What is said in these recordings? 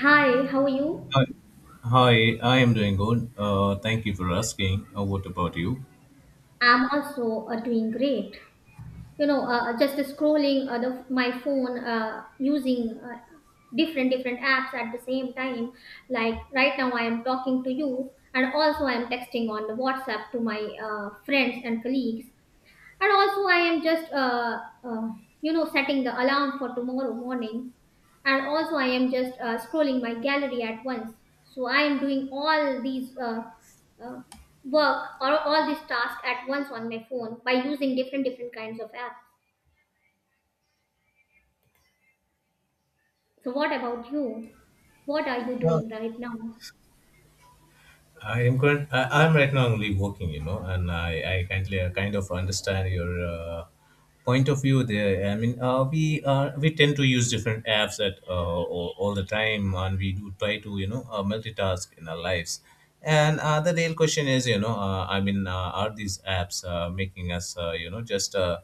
Hi, how are you? Hi, Hi, I am doing good. Thank you for asking. What about you? I'm also doing great. Just scrolling my phone using different different apps at the same time. Like right now, I am talking to you, and also I am texting on the WhatsApp to my friends and colleagues. And also I am just uh, setting the alarm for tomorrow morning. And also I am just scrolling my gallery at once. So I am doing all these uh, work or all these tasks at once on my phone by using different different kinds of apps. So what about you? What are you Well, doing right now? I am current. I'm right now only working, and I kind of understand your point of view there. I mean, we tend to use different apps at all the time, and we do try to multitask in our lives. And the real question is, I mean, are these apps making us, just uh,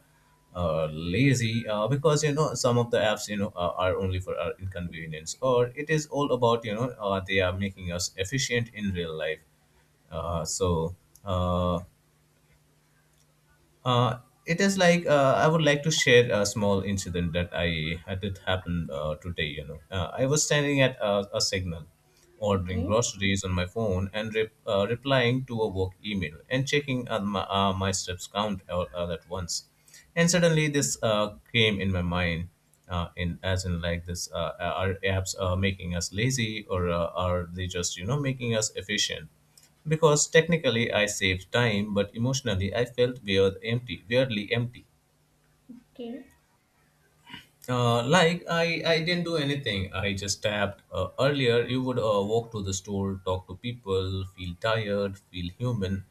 uh, lazy because some of the apps are only for our inconvenience, or it is all about they are making us efficient in real life. Uh, so uh, uh, it is like I would like to share a small incident that I had it happened today. I was standing at a signal, ordering Okay. groceries on my phone and replying to a work email and checking my steps count, all at once. And suddenly, this came in my mind, in as in like this: are apps making us lazy, or are they just making us efficient? Because technically I saved time, but emotionally I felt weirdly empty. Okay. Like I didn't do anything. I just tapped. Earlier, you would walk to the store, talk to people, feel tired, feel human.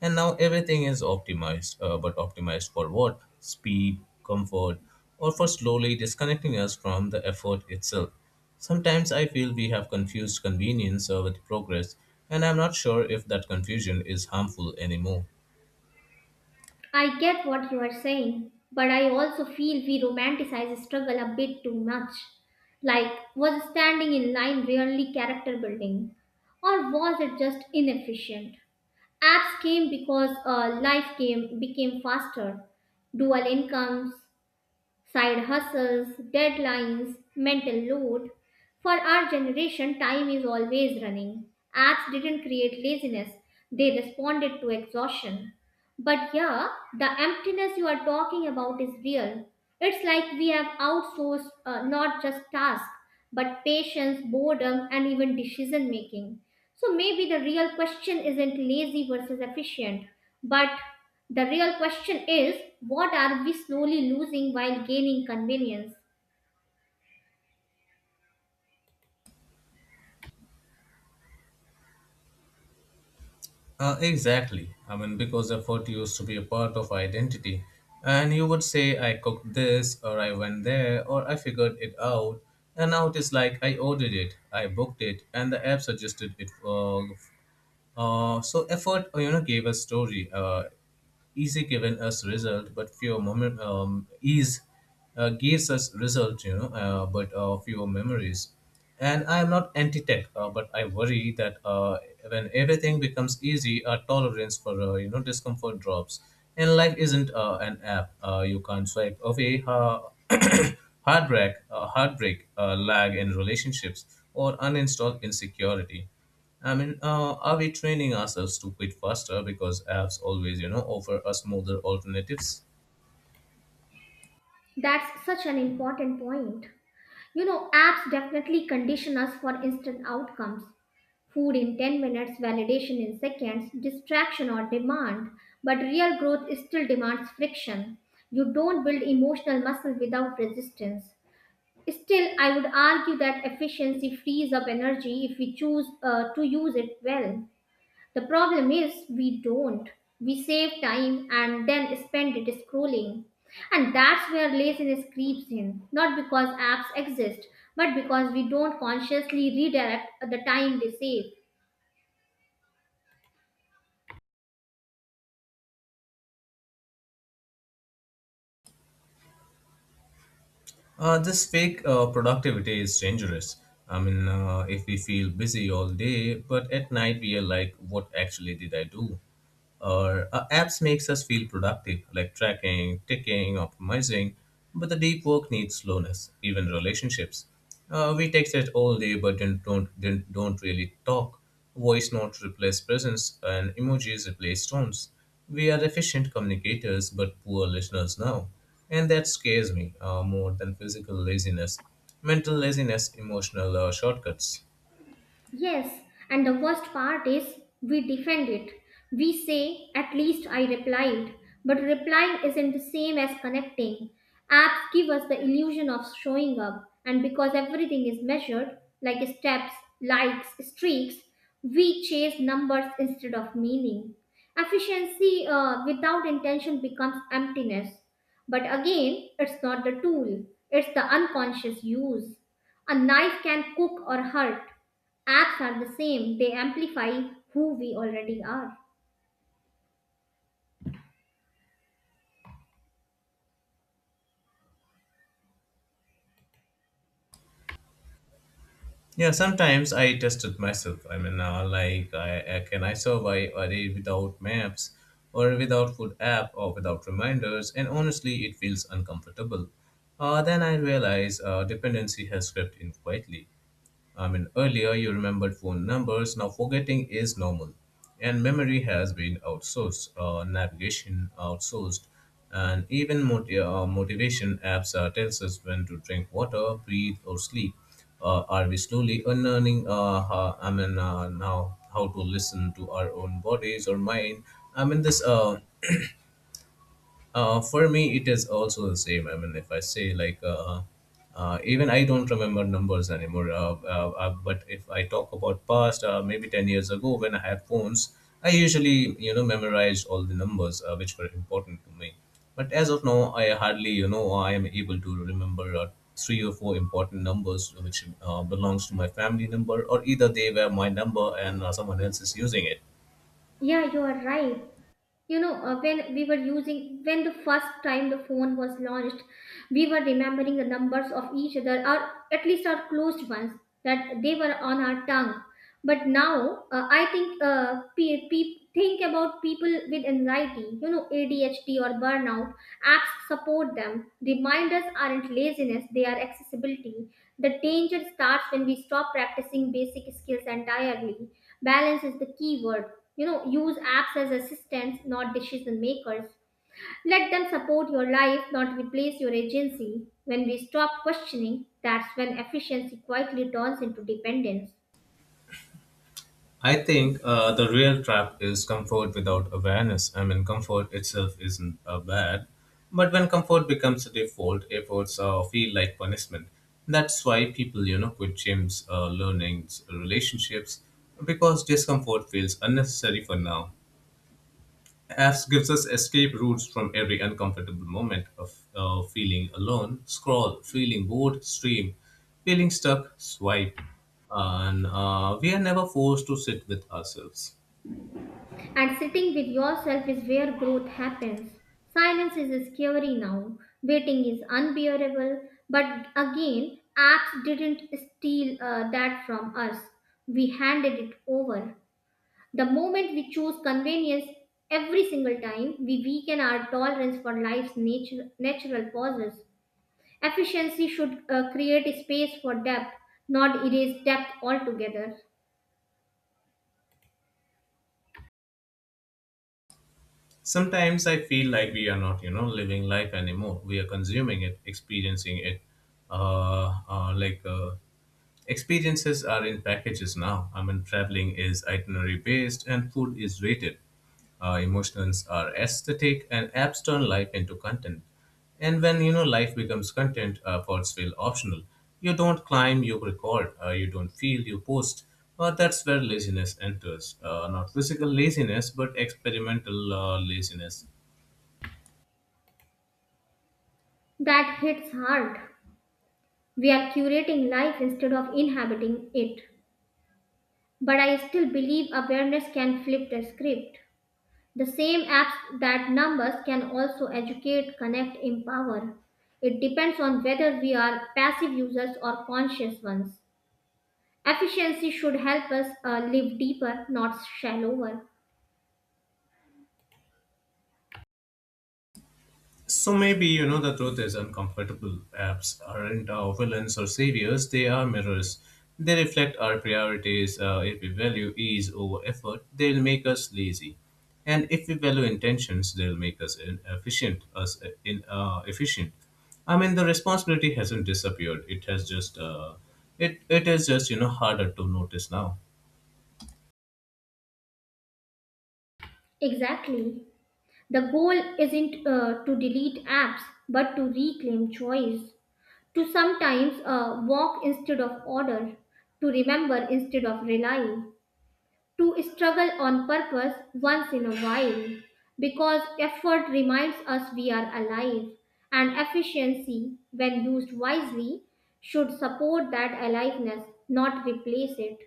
And now everything is optimized. But optimized for what? Speed, comfort, or for slowly disconnecting us from the effort itself. Sometimes I feel we have confused convenience with progress, and I'm not sure if that confusion is harmful anymore. I get what you are saying, but I also feel we romanticize struggle a bit too much. Like, was standing in line really character building? Or was it just inefficient? Apps came because life came became faster. Dual incomes, side hustles, deadlines, mental load. For our generation, time is always running. Apps didn't create laziness, they responded to exhaustion. But yeah, the emptiness you are talking about is real. It's like we have outsourced not just tasks, but patience, boredom, and even decision making. So maybe the real question isn't lazy versus efficient, but the real question is what are we slowly losing while gaining convenience? Exactly. I mean, because effort used to be a part of identity. And you would say, I cooked this, or I went there, or I figured it out. And now it is like I ordered it, I booked it, and the app suggested it. So effort, gave us story. Easy given us result, but fewer moment ease gives us result, but fewer memories. And I am not anti-tech, but I worry that when everything becomes easy, our tolerance for discomfort drops. And life isn't an app. You can't swipe away heartbreak, lag in relationships, or uninstall insecurity. I mean, are we training ourselves to quit faster because apps always, offer us smoother alternatives? That's such an important point. Apps definitely condition us for instant outcomes. Food in 10 minutes, validation in seconds, distraction or demand. But real growth still demands friction. You don't build emotional muscle without resistance. Still, I would argue that efficiency frees up energy if we choose to use it well. The problem is we don't. We save time and then spend it scrolling. And that's where laziness creeps in, not because apps exist, but because we don't consciously redirect the time they save. This fake productivity is dangerous. I mean, if we feel busy all day, but at night we are like, what actually did I do? Or apps makes us feel productive, like tracking, ticking, optimizing, but the deep work needs slowness. Even relationships, we text it all day, but then don't really talk. Voice notes replace presence, and emojis replace tones. We are efficient communicators, but poor listeners now. And that scares me more than physical laziness. Mental laziness, emotional shortcuts. Yes, and the worst part is we defend it. We say, at least I replied. But replying isn't the same as connecting. Apps give us the illusion of showing up, and because everything is measured, like steps, likes, streaks, we chase numbers instead of meaning. Efficiency without intention becomes emptiness. But again, it's not the tool, it's the unconscious use. A knife can cook or hurt. Acts are the same, they amplify who we already are. Yeah, sometimes I tested myself. I mean, like, can I survive a day without maps or without food app or without reminders? And honestly, it feels uncomfortable. Then I realize dependency has crept in quietly. I mean, earlier you remembered phone numbers, now forgetting is normal. And memory has been outsourced, navigation outsourced, and even motivation apps tells us when to drink water, breathe, or sleep. Are we slowly unlearning? How, I mean, now how to listen to our own bodies or mind? I mean, this. For me, it is also the same. I mean, if I say like, even I don't remember numbers anymore. But if I talk about past, maybe 10 years ago when I had phones, I usually memorized all the numbers which were important to me. But as of now, I hardly I am able to remember three or four important numbers which belongs to my family number, or either they were my number and someone else is using it. Yeah, you are right. you know when we were using when the first time the phone was launched, we were remembering the numbers of each other, or at least our closed ones, that they were on our tongue. But now, I think, think about people with anxiety, ADHD or burnout. Apps support them. Reminders aren't laziness, they are accessibility. The danger starts when we stop practicing basic skills entirely. Balance is the key word. Use apps as assistants, not decision makers. Let them support your life, not replace your agency. When we stop questioning, that's when efficiency quietly turns into dependence. I think the real trap is comfort without awareness. I mean, comfort itself isn't bad, but when comfort becomes a default, efforts feel like punishment. That's why people, quit gyms, learnings, relationships, because discomfort feels unnecessary for now. Apps gives us escape routes from every uncomfortable moment of feeling alone. Scroll, feeling bored, stream, feeling stuck, swipe, and we are never forced to sit with ourselves. And sitting with yourself is where growth happens. Silence is scary now. Waiting is unbearable. But again, apps didn't steal that from us, we handed it over. The moment we choose convenience every single time, we weaken our tolerance for life's natural pauses. Efficiency should create a space for depth, not erase depth altogether. Sometimes I feel like we are not, living life anymore. We are consuming it, experiencing it, like, experiences are in packages now. I mean, traveling is itinerary based and food is rated. Emotions are aesthetic and apps turn life into content. And when life becomes content, thoughts feel optional. You don't climb, you record. You don't feel, you post. That's where laziness enters. Not physical laziness, but experimental laziness. That hits hard. We are curating life instead of inhabiting it. But I still believe awareness can flip the script. The same apps that numb us can also educate, connect, empower. It depends on whether we are passive users or conscious ones. Efficiency should help us live deeper, not shallower. So maybe the truth is uncomfortable. Apps aren't villains or saviors; they are mirrors. They reflect our priorities. If we value ease over effort, they'll make us lazy, and if we value intentions, they'll make us inefficient. Us, in, efficient. I mean, the responsibility hasn't disappeared. It is just harder to notice now. Exactly. The goal isn't to delete apps, but to reclaim choice. To sometimes walk instead of order, to remember instead of rely, to struggle on purpose once in a while. Because effort reminds us we are alive, and efficiency, when used wisely, should support that aliveness, not replace it.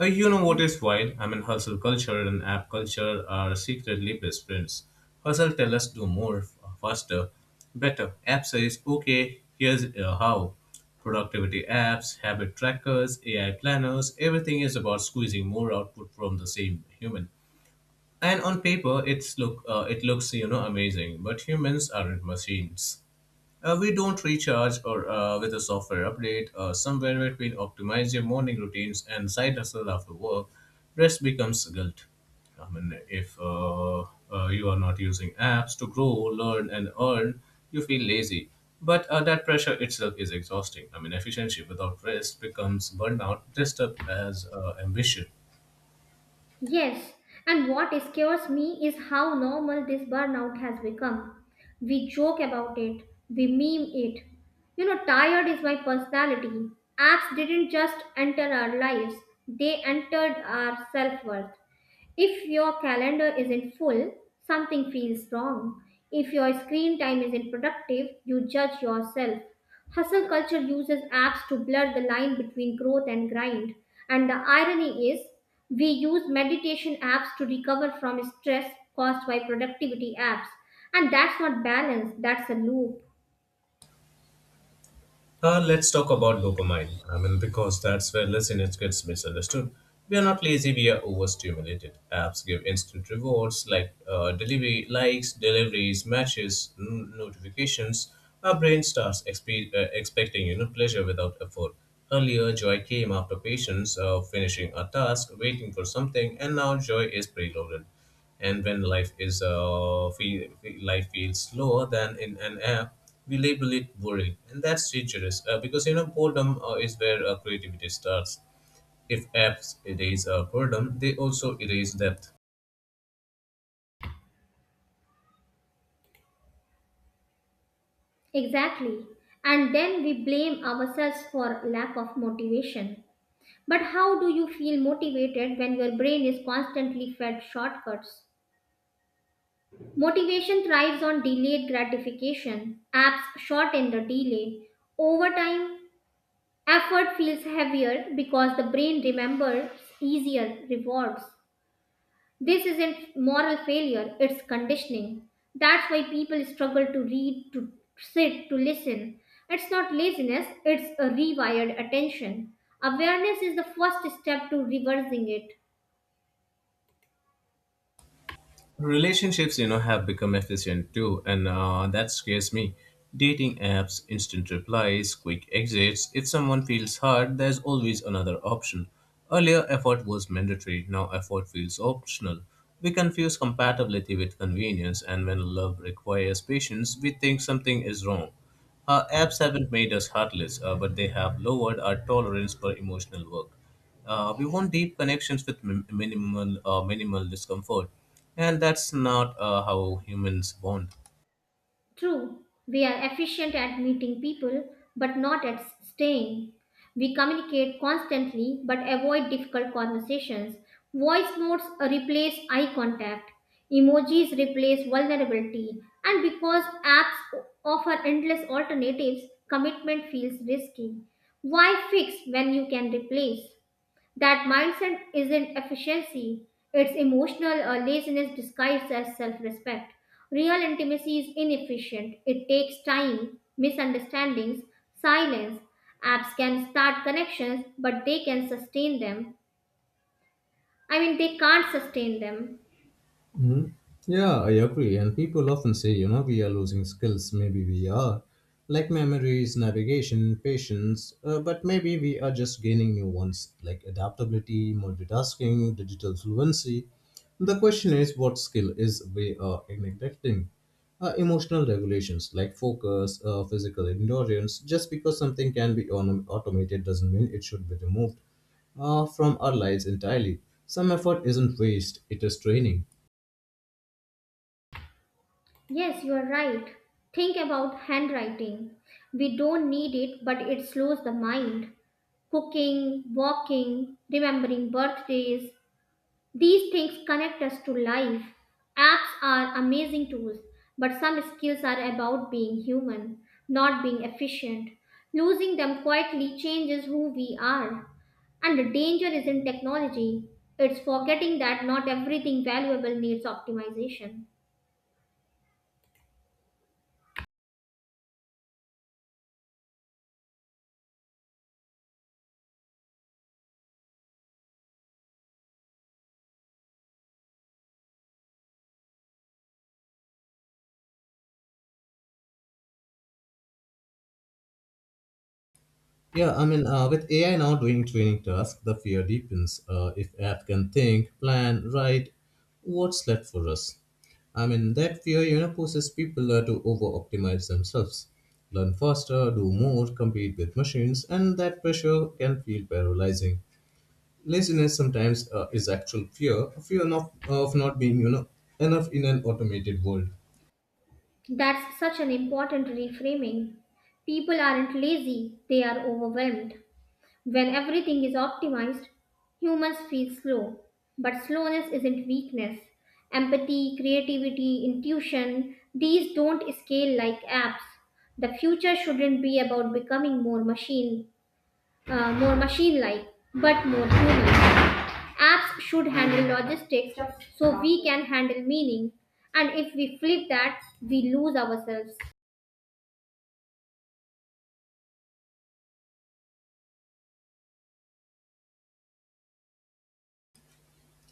You know what is wild? I mean, hustle culture and app culture are secretly best friends. Hustle tell us do more, faster, better. App says, okay, here's how. Productivity apps, habit trackers, AI planners, everything is about squeezing more output from the same human. And on paper, it looks amazing, but humans aren't machines. We don't recharge or with a software update. Somewhere between optimize your morning routines and side hustle after work, rest becomes guilt. I mean, if you are not using apps to grow, learn, and earn, you feel lazy. But that pressure itself is exhausting. I mean, efficiency without rest becomes burnout, dressed up as ambition. Yes, and what scares me is how normal this burnout has become. We joke about it, we meme it. Tired is my personality. Apps didn't just enter our lives, they entered our self worth. If your calendar isn't full, something feels wrong. If your screen time isn't productive, you judge yourself. Hustle culture uses apps to blur the line between growth and grind. And the irony is, we use meditation apps to recover from stress caused by productivity apps. And that's not balance, that's a loop. Let's talk about dopamine. I mean, because that's where laziness gets misunderstood. We are not lazy, we are overstimulated. Apps give instant rewards like delivery likes, deliveries, matches, notifications. Our brain starts expecting pleasure without effort. Earlier, joy came after patience, finishing a task, waiting for something, and now joy is preloaded. And when life feels slower than in an app, we label it boring, and that's dangerous because boredom is where creativity starts. If apps erase boredom, they also erase depth. Exactly. And then we blame ourselves for lack of motivation. But how do you feel motivated when your brain is constantly fed shortcuts? Motivation thrives on delayed gratification. Apps shorten the delay. Over time, effort feels heavier because the brain remembers easier rewards. This isn't moral failure, it's conditioning. That's why people struggle to read, to sit, to listen. It's not laziness, it's a rewired attention. Awareness is the first step to reversing it. Relationships have become efficient too, and that scares me. Dating apps, instant replies, quick exits. If someone feels hurt, there's always another option. Earlier, effort was mandatory; now effort feels optional. We confuse compatibility with convenience, and when love requires patience, we think something is wrong. Our apps haven't made us heartless, but they have lowered our tolerance for emotional work. We want deep connections with minimal discomfort, and that's not how humans bond. True, we are efficient at meeting people, but not at staying. We communicate constantly, but avoid difficult conversations. Voice notes replace eye contact. Emojis replace vulnerability. And because apps offer endless alternatives, commitment feels risky. Why fix when you can replace? That mindset isn't efficiency, it's emotional laziness disguised as self respect. Real intimacy is inefficient, it takes time, misunderstandings, silence. Apps can start connections, but they can sustain them. I mean, they can't sustain them. Mhm. Yeah, I agree. And people often say, we are losing skills. Maybe we are, like memories, navigation, patience, but maybe we are just gaining new ones, like adaptability, multitasking, digital fluency. The question is, what skill is we are neglecting? Emotional regulations like focus, physical endurance. Just because something can be automated doesn't mean it should be removed from our lives entirely. Some effort isn't waste, it is training. Yes, you are right. Think about handwriting. We don't need it, but it slows the mind. Cooking, walking, remembering birthdays. These things connect us to life. Apps are amazing tools, but some skills are about being human, not being efficient. Losing them quietly changes who we are. And the danger is in technology. It's forgetting that not everything valuable needs optimization. Yeah, I mean, with AI now doing training tasks, the fear deepens. If app can think, plan, write, what's left for us? I mean, that fear, pushes people to over-optimize themselves, learn faster, do more, compete with machines, and that pressure can feel paralyzing. Laziness sometimes is actual fear, fear of not being, enough in an automated world. That's such an important reframing. People aren't lazy, they are overwhelmed. When everything is optimized, humans feel slow. But slowness isn't weakness. Empathy, creativity, intuition, these don't scale like apps. The future shouldn't be about becoming more machine-like, but more human. Apps should handle logistics so we can handle meaning. And if we flip that, we lose ourselves.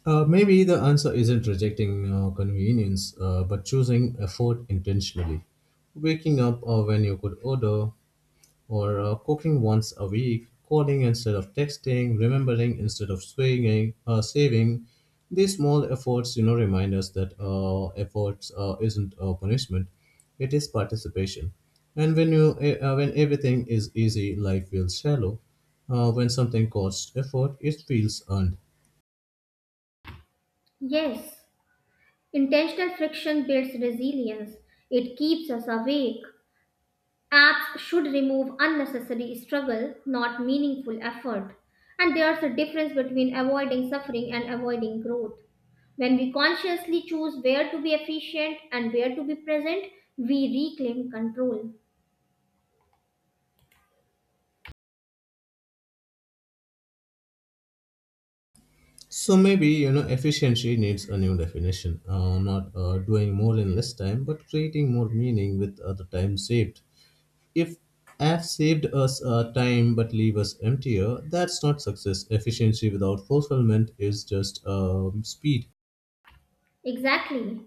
Maybe the answer isn't rejecting convenience, but choosing effort intentionally. Waking up when you could order, or cooking once a week, calling instead of texting, remembering instead of swinging, saving. These small efforts, remind us that efforts isn't a punishment; it is participation. And when everything is easy, life feels shallow. When something costs effort, it feels earned. Yes, intentional friction builds resilience. It keeps us awake. Apps should remove unnecessary struggle, not meaningful effort. And there's a difference between avoiding suffering and avoiding growth. When we consciously choose where to be efficient and where to be present, we reclaim control. So maybe efficiency needs a new definition. Not doing more in less time, but creating more meaning with the time saved. If F saved us time but leave us emptier, that's not success. Efficiency without fulfillment is just speed. Exactly.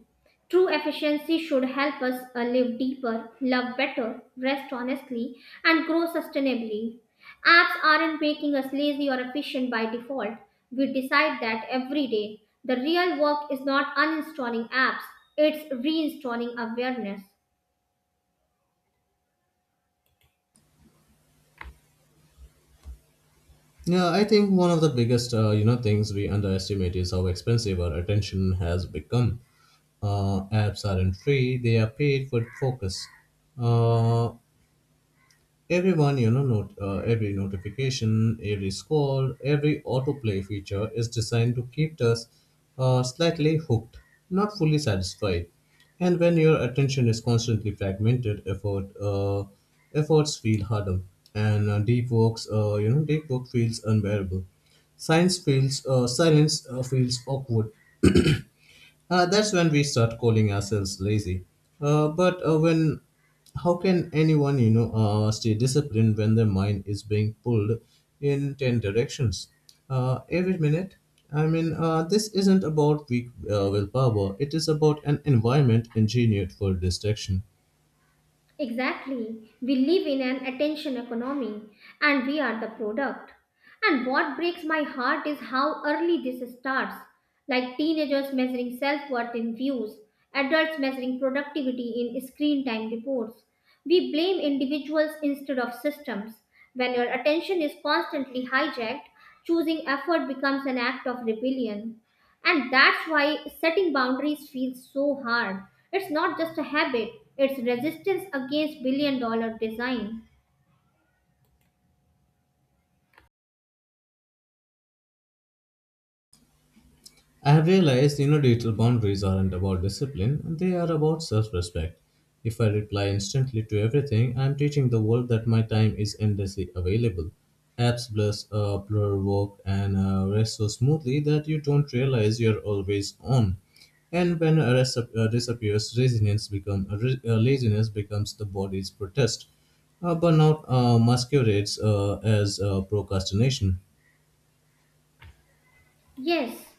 True efficiency should help us live deeper, love better, rest honestly, and grow sustainably. Apps aren't making us lazy or efficient by default. We decide that every day. The real work is not uninstalling apps, it's reinstalling awareness. Yeah, I think one of the biggest things we underestimate is how expensive our attention has become. Apps aren't free; they are paid for focus. Uh, Everyone, you know, not, every notification, every scroll, every autoplay feature is designed to keep us slightly hooked, not fully satisfied. And when your attention is constantly fragmented, efforts feel harder, and deep deep work feels unbearable. Science feels silence feels awkward, that's when we start calling ourselves lazy. Uh, but uh, when, how can anyone stay disciplined when their mind is being pulled in ten directions every minute? This isn't about weak willpower. It is about an environment engineered for distraction. Exactly. We live in an attention economy and we are the product. And what breaks my heart is how early this starts. Like teenagers measuring self worth in views, adults measuring productivity in screen time reports. We blame individuals instead of systems. When your attention is constantly hijacked, choosing effort becomes an act of rebellion. And that's why setting boundaries feels so hard. It's not just a habit, it's resistance against billion dollar design. I have realized you know digital boundaries aren't about discipline, they are about self respect. If I reply instantly to everything, I am teaching the world that my time is endlessly available. Apps bless blur work and rest so smoothly that you don't realize you're always on. And when a rest disappears, laziness becomes the body's protest. Burnout masquerades as procrastination. Yes,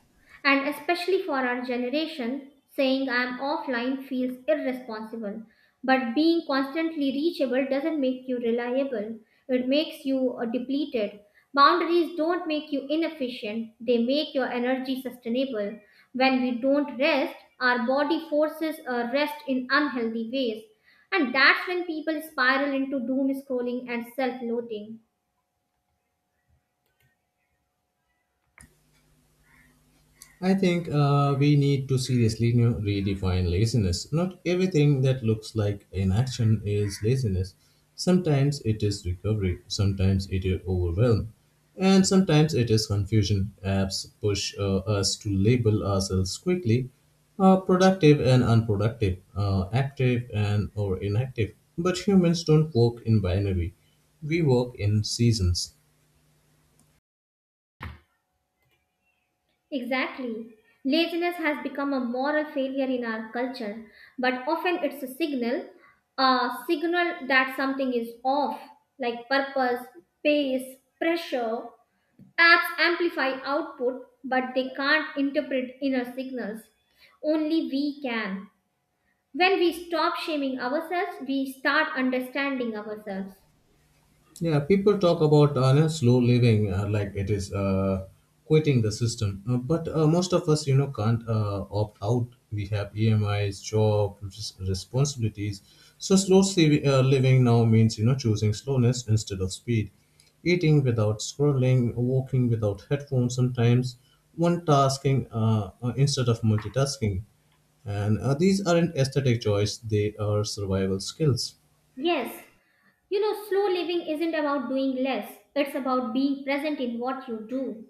and especially for our generation, saying I'm offline feels irresponsible. But being constantly reachable doesn't make you reliable, it makes you depleted. Boundaries don't make you inefficient, they make your energy sustainable. When we don't rest, our body forces a rest in unhealthy ways. And that's when people spiral into doom scrolling and self loathing. I think we need to seriously redefine laziness. Not everything that looks like inaction is laziness. Sometimes it is recovery, sometimes it is overwhelm, and sometimes it is confusion. Apps push us to label ourselves quickly productive and unproductive, active and or inactive. But humans don't work in binary, we work in seasons. Exactly. Laziness has become a moral failure in our culture, but often it's a signal that something is off, like purpose, pace, pressure. Apps amplify output, but they can't interpret inner signals. Only we can. When we stop shaming ourselves, we start understanding ourselves. Yeah, people talk about slow living like it is quitting the system, but most of us can't opt out. We have EMIs, responsibilities. So slow living now means you know choosing slowness instead of speed, eating without scrolling, walking without headphones sometimes, one tasking instead of multitasking, and these aren't aesthetic choice; they are survival skills. Yes, slow living isn't about doing less, it's about being present in what you do.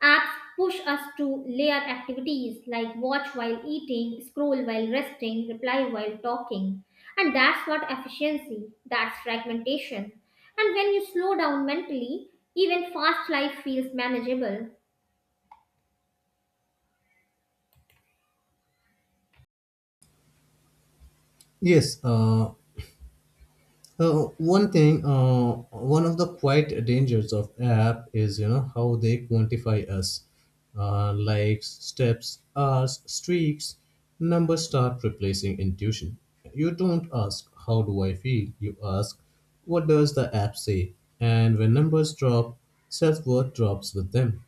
Apps push us to layer activities like watch while eating, scroll while resting, reply while talking. And that's not efficiency, that's fragmentation. And when you slow down mentally, even fast life feels manageable. Yes, uh, one of the quiet dangers of app is you know how they quantify us, likes, steps, hours, streaks. Numbers start replacing intuition. You don't ask how do I feel. You ask what does the app say. And when numbers drop, self worth drops with them.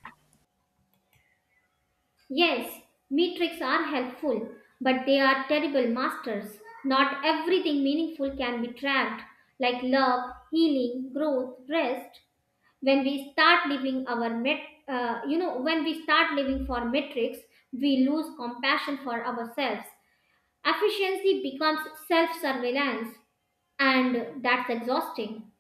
Yes, metrics are helpful, but they are terrible masters. Not everything meaningful can be tracked, like love, healing, growth, rest. When we start living our met, you know, when we start living for metrics, we lose compassion for ourselves. Efficiency becomes self-surveillance, and that's exhausting.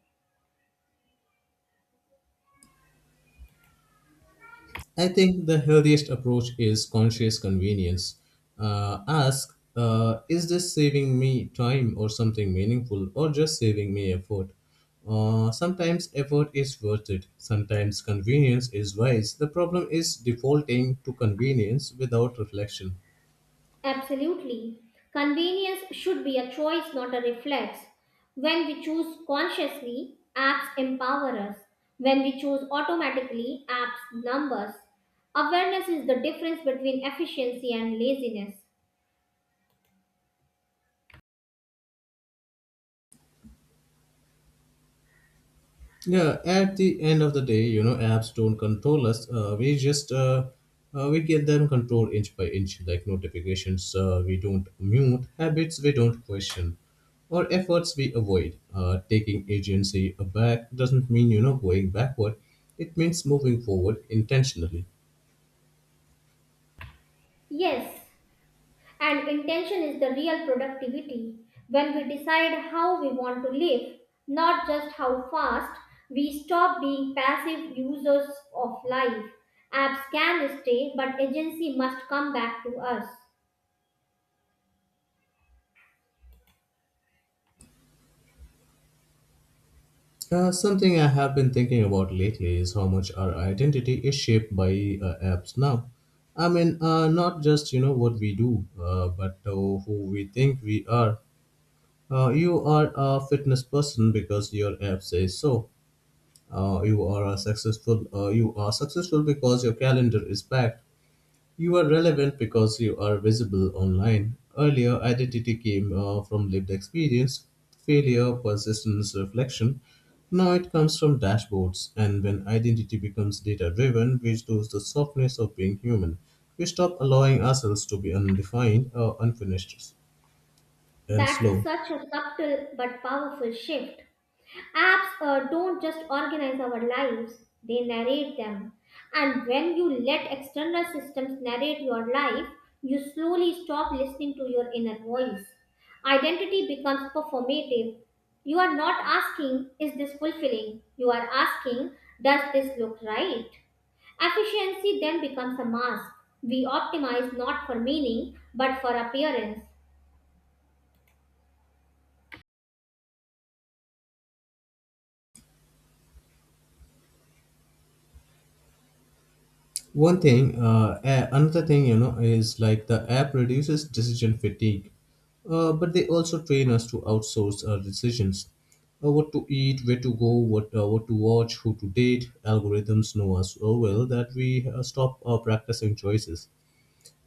I think the healthiest approach is conscious convenience. Ask, is this saving me time or something meaningful or just saving me effort? Sometimes effort is worth it, sometimes convenience is wise. The problem is defaulting to convenience without reflection. Absolutely. Convenience should be a choice, not a reflex. When we choose consciously, apps empower us. When we choose automatically, apps numb us. Awareness is the difference between efficiency and laziness. Yeah, at the end of the day, you know, apps don't control us. We get them control inch by inch, like notifications. We don't mute habits. We don't question, or efforts we avoid. Taking agency back doesn't mean you know going backward. It means moving forward intentionally. Yes, and intention is the real productivity when we decide how we want to live, not just how fast. We stop being passive users of life. Apps can stay, but agency must come back to us. Something I have been thinking about lately is how much our identity is shaped by apps now. Not just you know what we do, but who we think we are. You are a fitness person because your app says so. You are a successful. You are successful because your calendar is packed. You are relevant because you are visible online. Earlier, identity came from lived experience, failure, persistence, reflection. Now it comes from dashboards, and when identity becomes data driven, we lose the softness of being human. We stop allowing ourselves to be undefined or unfinished and That's slow. such a subtle but powerful shift. Apps don't just organize our lives, they narrate them. And when you let external systems narrate your life, you slowly stop listening to your inner voice. Identity becomes performative. You are not asking, is this fulfilling? You are asking, does this look right? Efficiency then becomes a mask. We optimize not for meaning but for appearance. Another thing is like the app reduces decision fatigue, but they also train us to outsource our decisions. What to eat, where to go, what to watch, who to date. Algorithms know us so well that we stop practicing choices.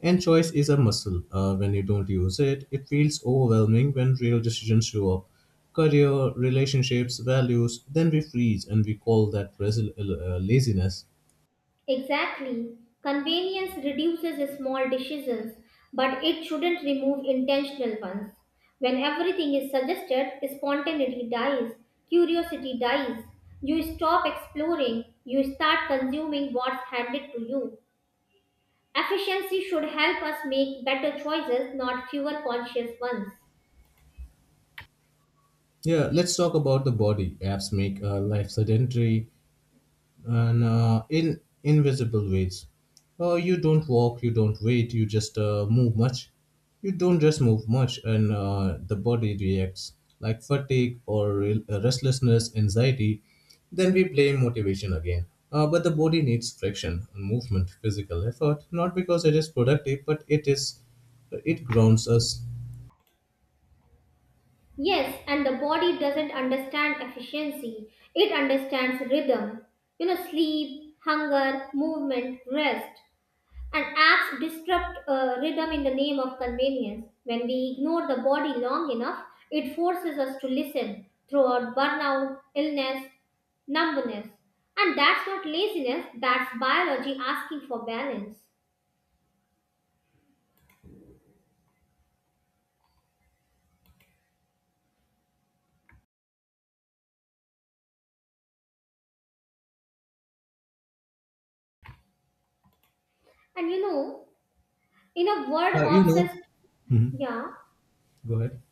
And choice is a muscle. When you don't use it, it feels overwhelming when real decisions show up. Career, relationships, values, then we freeze and we call that laziness. Exactly. Convenience reduces small decisions, but it shouldn't remove intentional ones. When everything is suggested, spontaneity dies, curiosity dies. You stop exploring, you start consuming what's handed to you. Efficiency should help us make better choices, not fewer conscious ones. Yeah, let's talk about the body. Apps make life sedentary and in invisible ways. You don't walk, you don't wait, you just move much. You don't just move much, and the body reacts like fatigue or restlessness, anxiety. Then we blame motivation again. But the body needs friction, movement, physical effort, not because it is productive, but it is it grounds us. Yes, and the body doesn't understand efficiency, it understands rhythm. Sleep, hunger, movement, rest. And apps disrupt rhythm in the name of convenience. When we ignore the body long enough, it forces us to listen throughout burnout, illness, numbness. And that's not laziness, that's biology asking for balance. And you know, in a world Uh, you know. obsessed, Mhm. Yeah, Go ahead.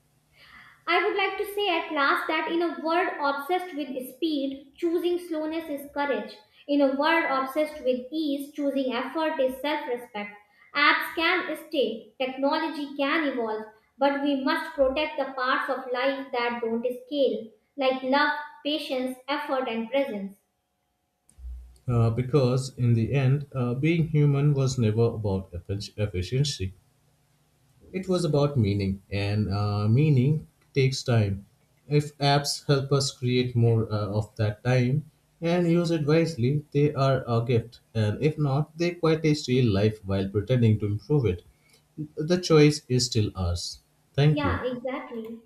I would like to say at last that in a world obsessed with speed, choosing slowness is courage. In a world obsessed with ease, choosing effort is self respect. Apps can stay, technology can evolve, but we must protect the parts of life that don't scale, like love, patience, effort, and presence. Because in the end, being human was never about efficiency. It was about meaning, and meaning takes time. If apps help us create more of that time and use it wisely, they are a gift. And if not, they quietly steal life while pretending to improve it. The choice is still ours. Thank you. Yeah, exactly.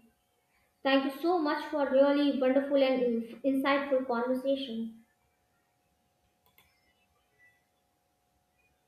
Thank you so much for really wonderful and insightful conversation.